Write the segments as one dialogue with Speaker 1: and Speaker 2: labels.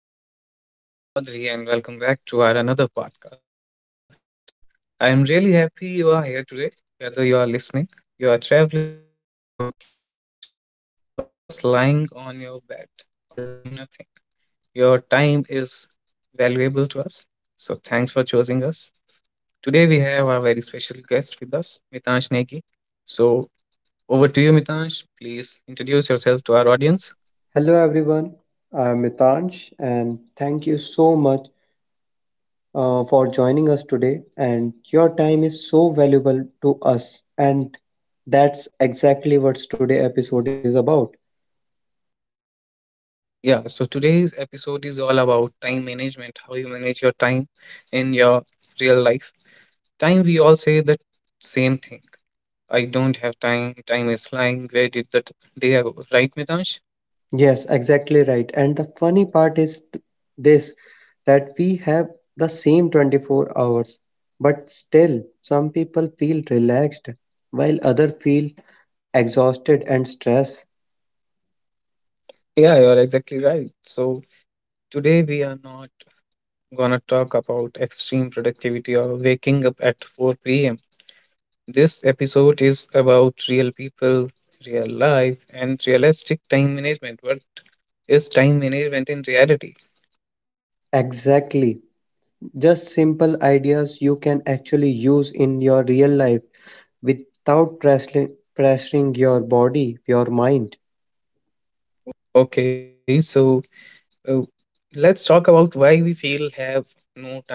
Speaker 1: Mohit Chaudhary, and welcome back to our another podcast. I am really happy you are here today, whether you are listening, you are traveling, working, resting, or just lying on your bed or doing nothing. Your time is valuable to us, so thanks for choosing us. Today, we have our very special guest with us, Mitansh Negi. So, over to you, Mitansh. Please introduce yourself to our audience.
Speaker 2: Hello everyone, I'm Mitansh, and thank you so much for joining us today, and your time is so valuable to us, and that's exactly what today's episode is about.
Speaker 1: Yeah, so today's episode is all about time management, how you manage your time in your real life. Time, we all say the same thing. I don't have time, time is flying. Where did that day go? Right, Mitansh?
Speaker 2: Yes, exactly right. And the funny part is th- this that we have the same 24 hours, but still some people feel relaxed while other feel exhausted and stressed.
Speaker 1: Yeah, you're exactly right. So today we are not gonna talk about extreme productivity or waking up at 4 p.m. This episode is about real people, real life, and realistic time management. What is time management in reality?
Speaker 2: Exactly. Just simple ideas you can actually use in your real life without pressuring your body, your mind.
Speaker 1: Okay, so uh, let's talk about why we feel have no time.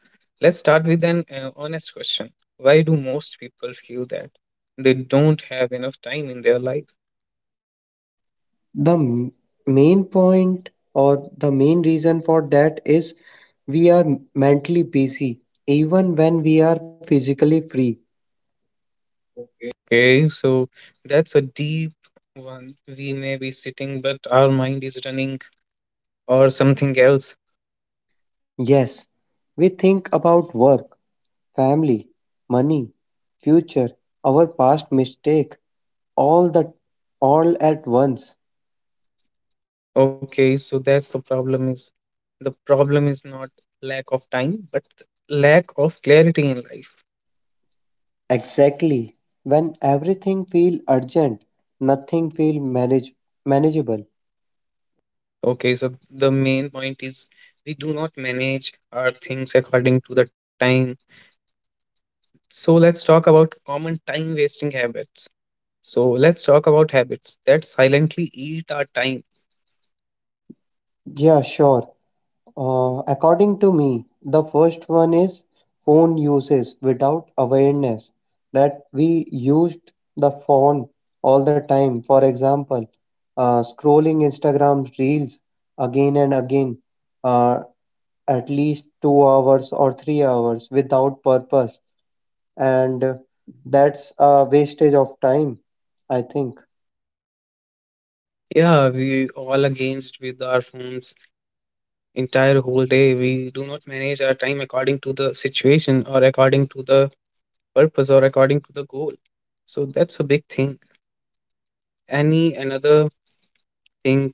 Speaker 1: Let's start with an honest question. Why do most people feel that they don't have enough time in their life?
Speaker 2: The main point, or the main reason for that, is we are mentally busy even when we are physically free.
Speaker 1: Okay, so that's a deep one. We may be sitting, but our mind is running or something else.
Speaker 2: Yes, we think about work, family, money, future, our past mistake, all the all at once.
Speaker 1: Okay, so that's the problem is not lack of time, but lack of clarity in life.
Speaker 2: Exactly. When everything feel urgent, nothing feel manageable.
Speaker 1: Okay, so the main point is we do not manage our things according to the time. So let's talk about common time wasting habits. So let's talk about habits that silently eat our time.
Speaker 2: Yeah, sure. According to me, the first one is phone uses without awareness, that we used the phone all the time. For example, scrolling Instagram reels again and again, uh, at least 2 hours or 3 hours without purpose, and that's a wastage of time, I think.
Speaker 1: Yeah, we all against with our phones entire whole day. We do not manage our time according to the situation or according to the purpose or according to the goal. So that's a big thing. Any another thing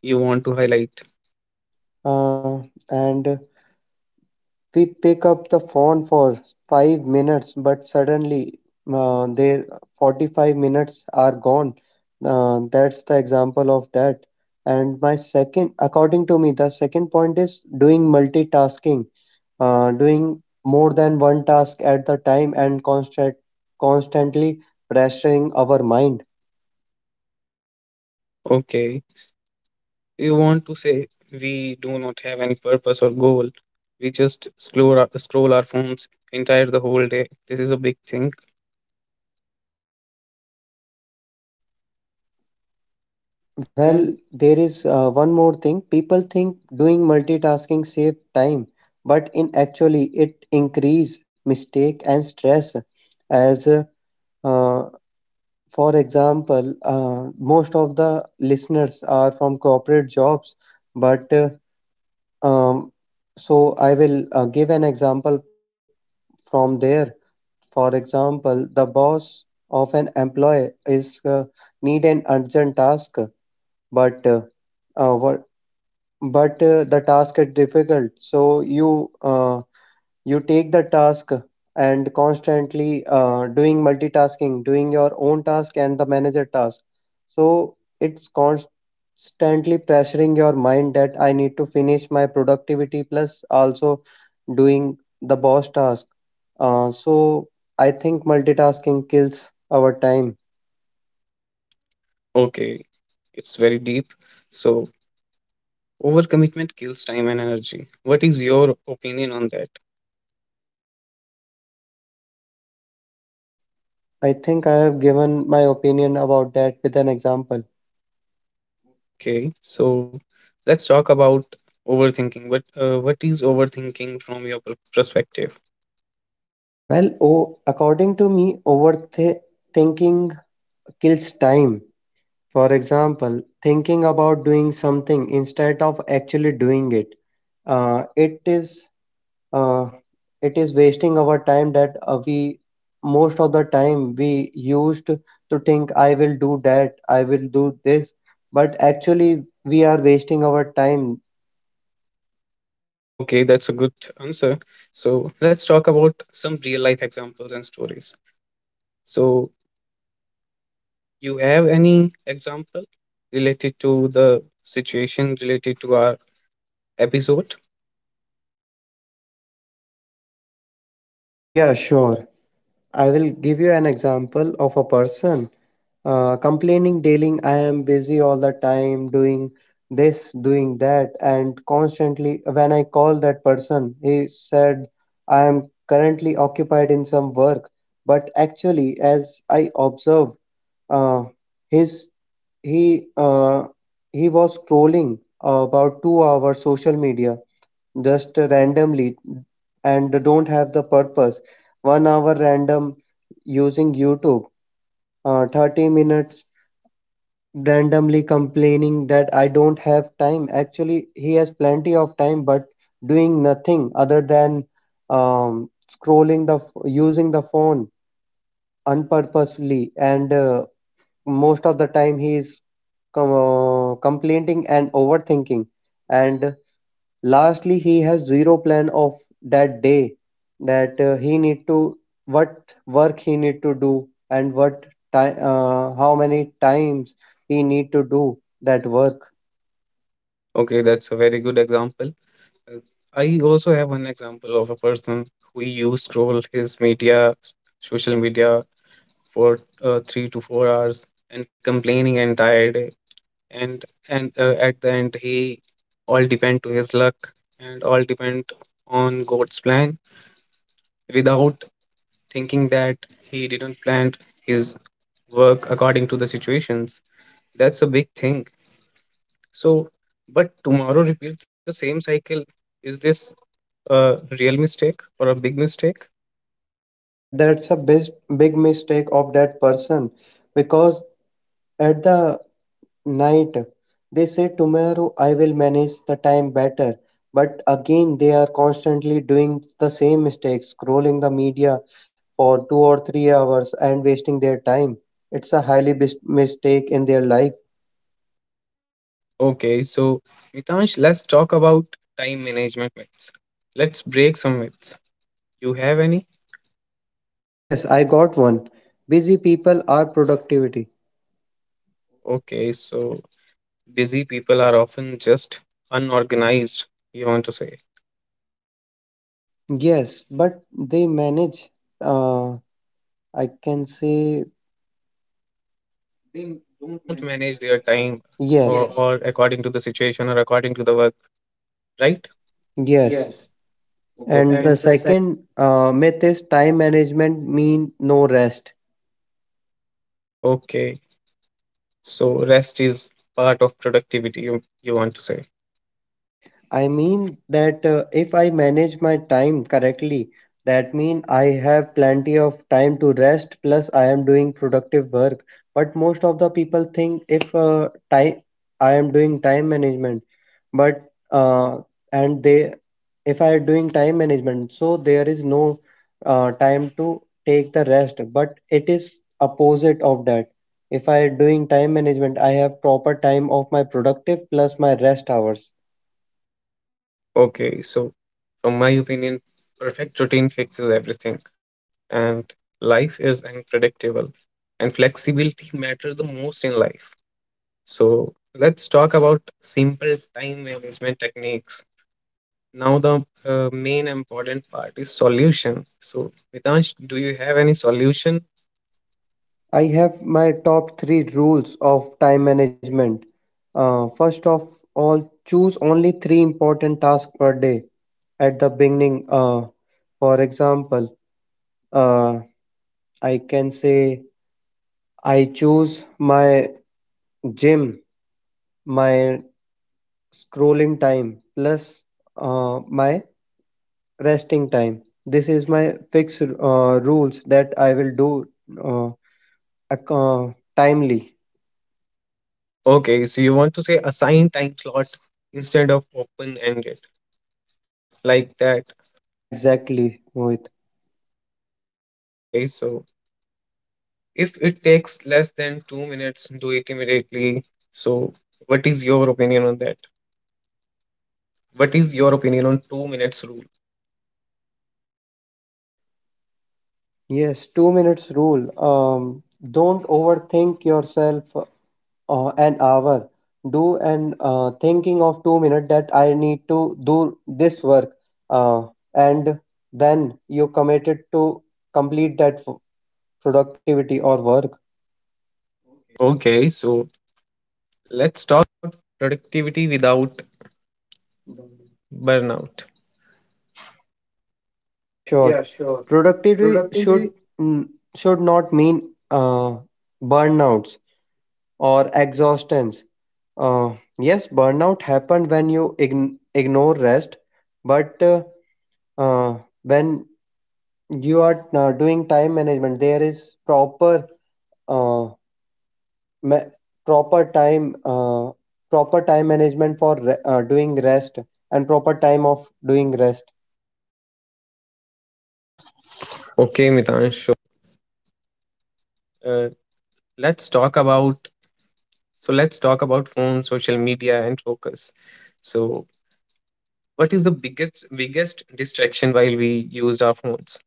Speaker 1: you want to highlight?
Speaker 2: Uh, and we pick up the phone for 5 minutes, but suddenly their 45 minutes are gone. That's the example of that. And my second, according to me, the second point is doing multitasking. Doing more than one task at the time, and constantly pressuring our mind.
Speaker 1: Okay. You want to say we do not have any purpose or goal. We just scroll our phones entire the whole day. This is a big thing.
Speaker 2: Well, there is one more thing. People think doing multitasking save time, but in actually it increase mistake and stress. As uh, for example, most of the listeners are from corporate jobs, but um, so I will give an example from there. For example, the boss of an employee is need an urgent task, but uh, uh, what but the task is difficult, so you take the task and constantly doing multitasking, doing your own task and the manager task. So it's constantly pressuring your mind, that I need to finish my productivity plus also doing the boss task. So I think multitasking kills our time.
Speaker 1: Okay, it's very deep. So overcommitment kills time and energy. What is your opinion on that?
Speaker 2: I think I have given my opinion about that with an example.
Speaker 1: Okay, so let's talk about overthinking. What is overthinking from your perspective?
Speaker 2: Well, o according to me, overthinking kills time. For example, thinking about doing something instead of actually doing it, uh, it is uh, it is wasting our time, that we most of the time we used to think I will do that, I will do this, but actually we are wasting our time.
Speaker 1: Okay, that's a good answer. So let's talk about some real life examples and stories. So you have any example related to the situation related to our episode?
Speaker 2: Yeah, sure. I will give you an example of a person complaining daily, I am busy all the time, doing this, doing that. And constantly, when I call that person, he said I am currently occupied in some work, but actually, as I observed, uh, his he uh, he was scrolling about 2 hours social media just randomly and don't have the purpose, 1 hour random using youtube, 30 minutes randomly, complaining that I don't have time. Actually, he has plenty of time, but doing nothing other than scrolling the using the phone unpurposely, and most of the time he is complaining and overthinking. And lastly, he has zero plan of that day, that he need to what work he need to do, and what time how many times he need to do that work.
Speaker 1: Okay, that's a very good example. Uh, I also have one example of a person who used to scroll his media, social media for 3 to 4 hours and complaining entire day. And at the end, he all depend to his luck and all depend on God's plan without thinking that he didn't plan his work according to the situations. That's a big thing. So, but tomorrow repeat the same cycle. Is this a real mistake or a big mistake?
Speaker 2: Yes, that's a big, big mistake of that person, because at the night. They say tomorrow I will manage the time better. But again, they are constantly doing the same mistakes, scrolling the media for 2 or 3 hours and wasting their time. It's a highly mistake in their life.
Speaker 1: Okay, so Mitansh, let's talk about time management myths. Let's break some myths. You have any?
Speaker 2: Yes, I got one. Busy people are productivity.
Speaker 1: Okay, so busy people are often just unorganized, you want to say.
Speaker 2: Yes, but they manage. Uh, I can say
Speaker 1: They don't manage their time
Speaker 2: yes,
Speaker 1: or according to the situation or according to the work, right?
Speaker 2: yes. And
Speaker 1: Okay,
Speaker 2: the second myth is time management mean no rest.
Speaker 1: okay. So rest is part of productivity, you want to say.
Speaker 2: I mean that if I manage my time correctly, that mean I have plenty of time to rest plus I am doing productive work. But most of the people think, if time I am doing time management, but and they if I are doing time management, so there is no time to take the rest. But it is opposite of that. If I are doing time management, I have proper time of my productive plus my rest hours.
Speaker 1: Okay, so from my opinion, perfect routine fixes everything. And life is unpredictable, and flexibility matters the most in life. So let's talk about simple time management techniques. Now, the main important part is solution. So, Mitansh, do you have any solution?
Speaker 2: I have my top three rules of time management. First of all, choose only three important tasks per day at the beginning. For example, uh, I can say I choose my gym, my scrolling time, plus my resting time. This is my fixed rules that I will do uh, timely.
Speaker 1: Okay, so you want to say assign time slot instead of open ended, like that.
Speaker 2: Exactly, Mohit.
Speaker 1: Okay, so if it takes less than 2 minutes, do it immediately. So, what is your opinion on that? What is your opinion on 2 minutes rule?
Speaker 2: Yes, 2 minutes rule. Um, don't overthink yourself an hour. Do an thinking of 2 minutes, that I need to do this work, uh, and then you committed to complete that productivity or work.
Speaker 1: Okay, so
Speaker 2: Yeah, sure. Productivity should mm, not mean burnouts or exhaustions. Uh, yes, burnout happen when you ignore rest, but uh, when you are doing time management, there is proper, uh, ma- proper time uh, proper time management for doing rest and proper time of doing rest.
Speaker 1: let's talk about let's talk about phone, social media, and focus. So, what is the biggest distraction while we used our phones?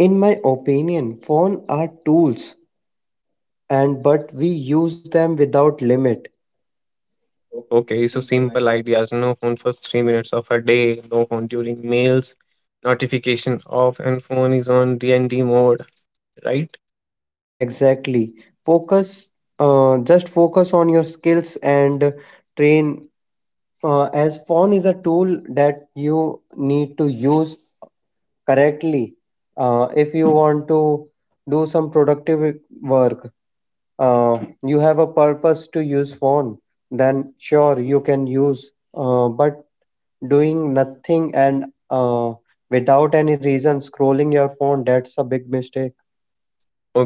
Speaker 2: In my opinion, phone are tools, and but we use them without limit.
Speaker 1: Okay, so simple ideas: no phone for 3 minutes of a day, no phone during meals, notification off, and phone is on DND mode, right?
Speaker 2: Exactly. Focus, just focus on your skills and train. As phone is a tool that you need to use correctly, if you want to do some productive work, you have a purpose to use phone, then sure you can use. But doing nothing and uh, without any reason scrolling your phone, that's a big mistake.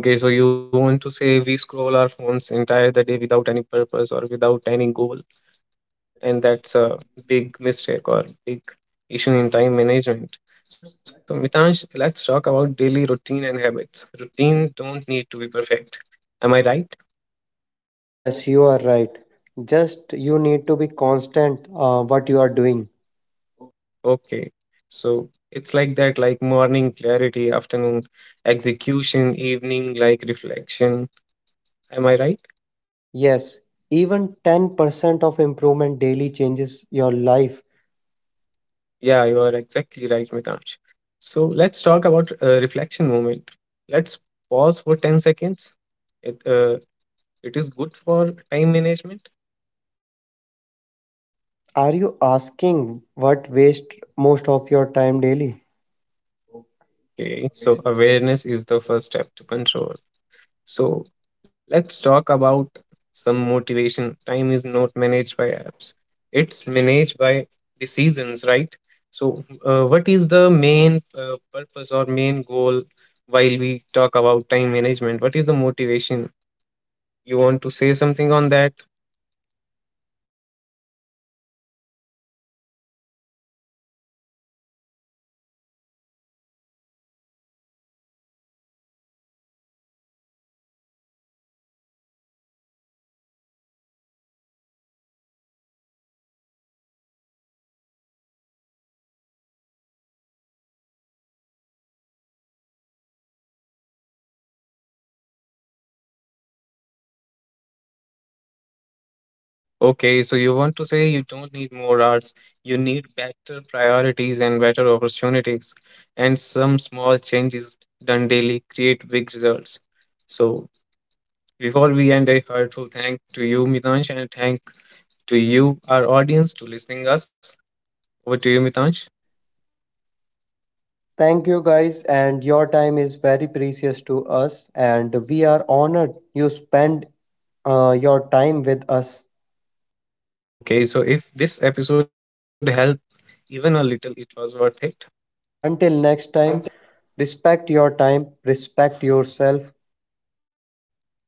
Speaker 1: Okay, so you want to say we scroll our phones entire the day without any purpose or without any goal. And that's a big mistake or big issue in time management. So Mitansh, let's talk about daily routine and habits. Routine don't need to be perfect. Am I right?
Speaker 2: Yes, you are right. Just you need to be constant, what you are doing.
Speaker 1: Okay. So it's like that, like morning clarity, afternoon execution, evening like reflection. Am I right?
Speaker 2: Yes, even 10% of improvement daily changes your life.
Speaker 1: Yeah, you are exactly right, Mitansh. So let's talk about reflection moment. Let's pause for 10 seconds. It, uh, it is good for time management.
Speaker 2: Are you asking what waste most of your time daily?
Speaker 1: Okay, so awareness is the first step to control. So let's talk about some motivation. Time is not managed by apps, it's managed by decisions, right? So, what is the main purpose or main goal while we talk about time management? What is the motivation? You want to say something on that?
Speaker 2: Yes, sure. Be more productive and don't use your time to do overthinking, that you I need I am not done this work. Instead of overthinking, just do the actual work, and committed that I will complete in 1 hour, then I will take my rest. Plan accordingly, to that.
Speaker 1: Okay, so you want to say you don't need more arts, you need better priorities and better opportunities, and some small changes done daily create big results. So, before we end, a heartful thank to you, Mitansh, and thank to you, our audience, to listening us. Over to you, Mitansh.
Speaker 2: Thank you guys, and your time is very precious to us, and we are honored you spend your time with us.
Speaker 1: Okay, so if this episode helped even a little, it was worth it.
Speaker 2: Until next time, respect your time, respect yourself.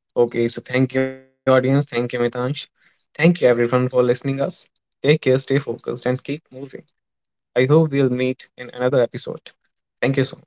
Speaker 1: Okay, so thank you, audience. Thank you, Mitansh. Thank you, everyone, for listening us. Take care, stay focused, and keep moving. I hope we'll meet in another episode. Thank you so much.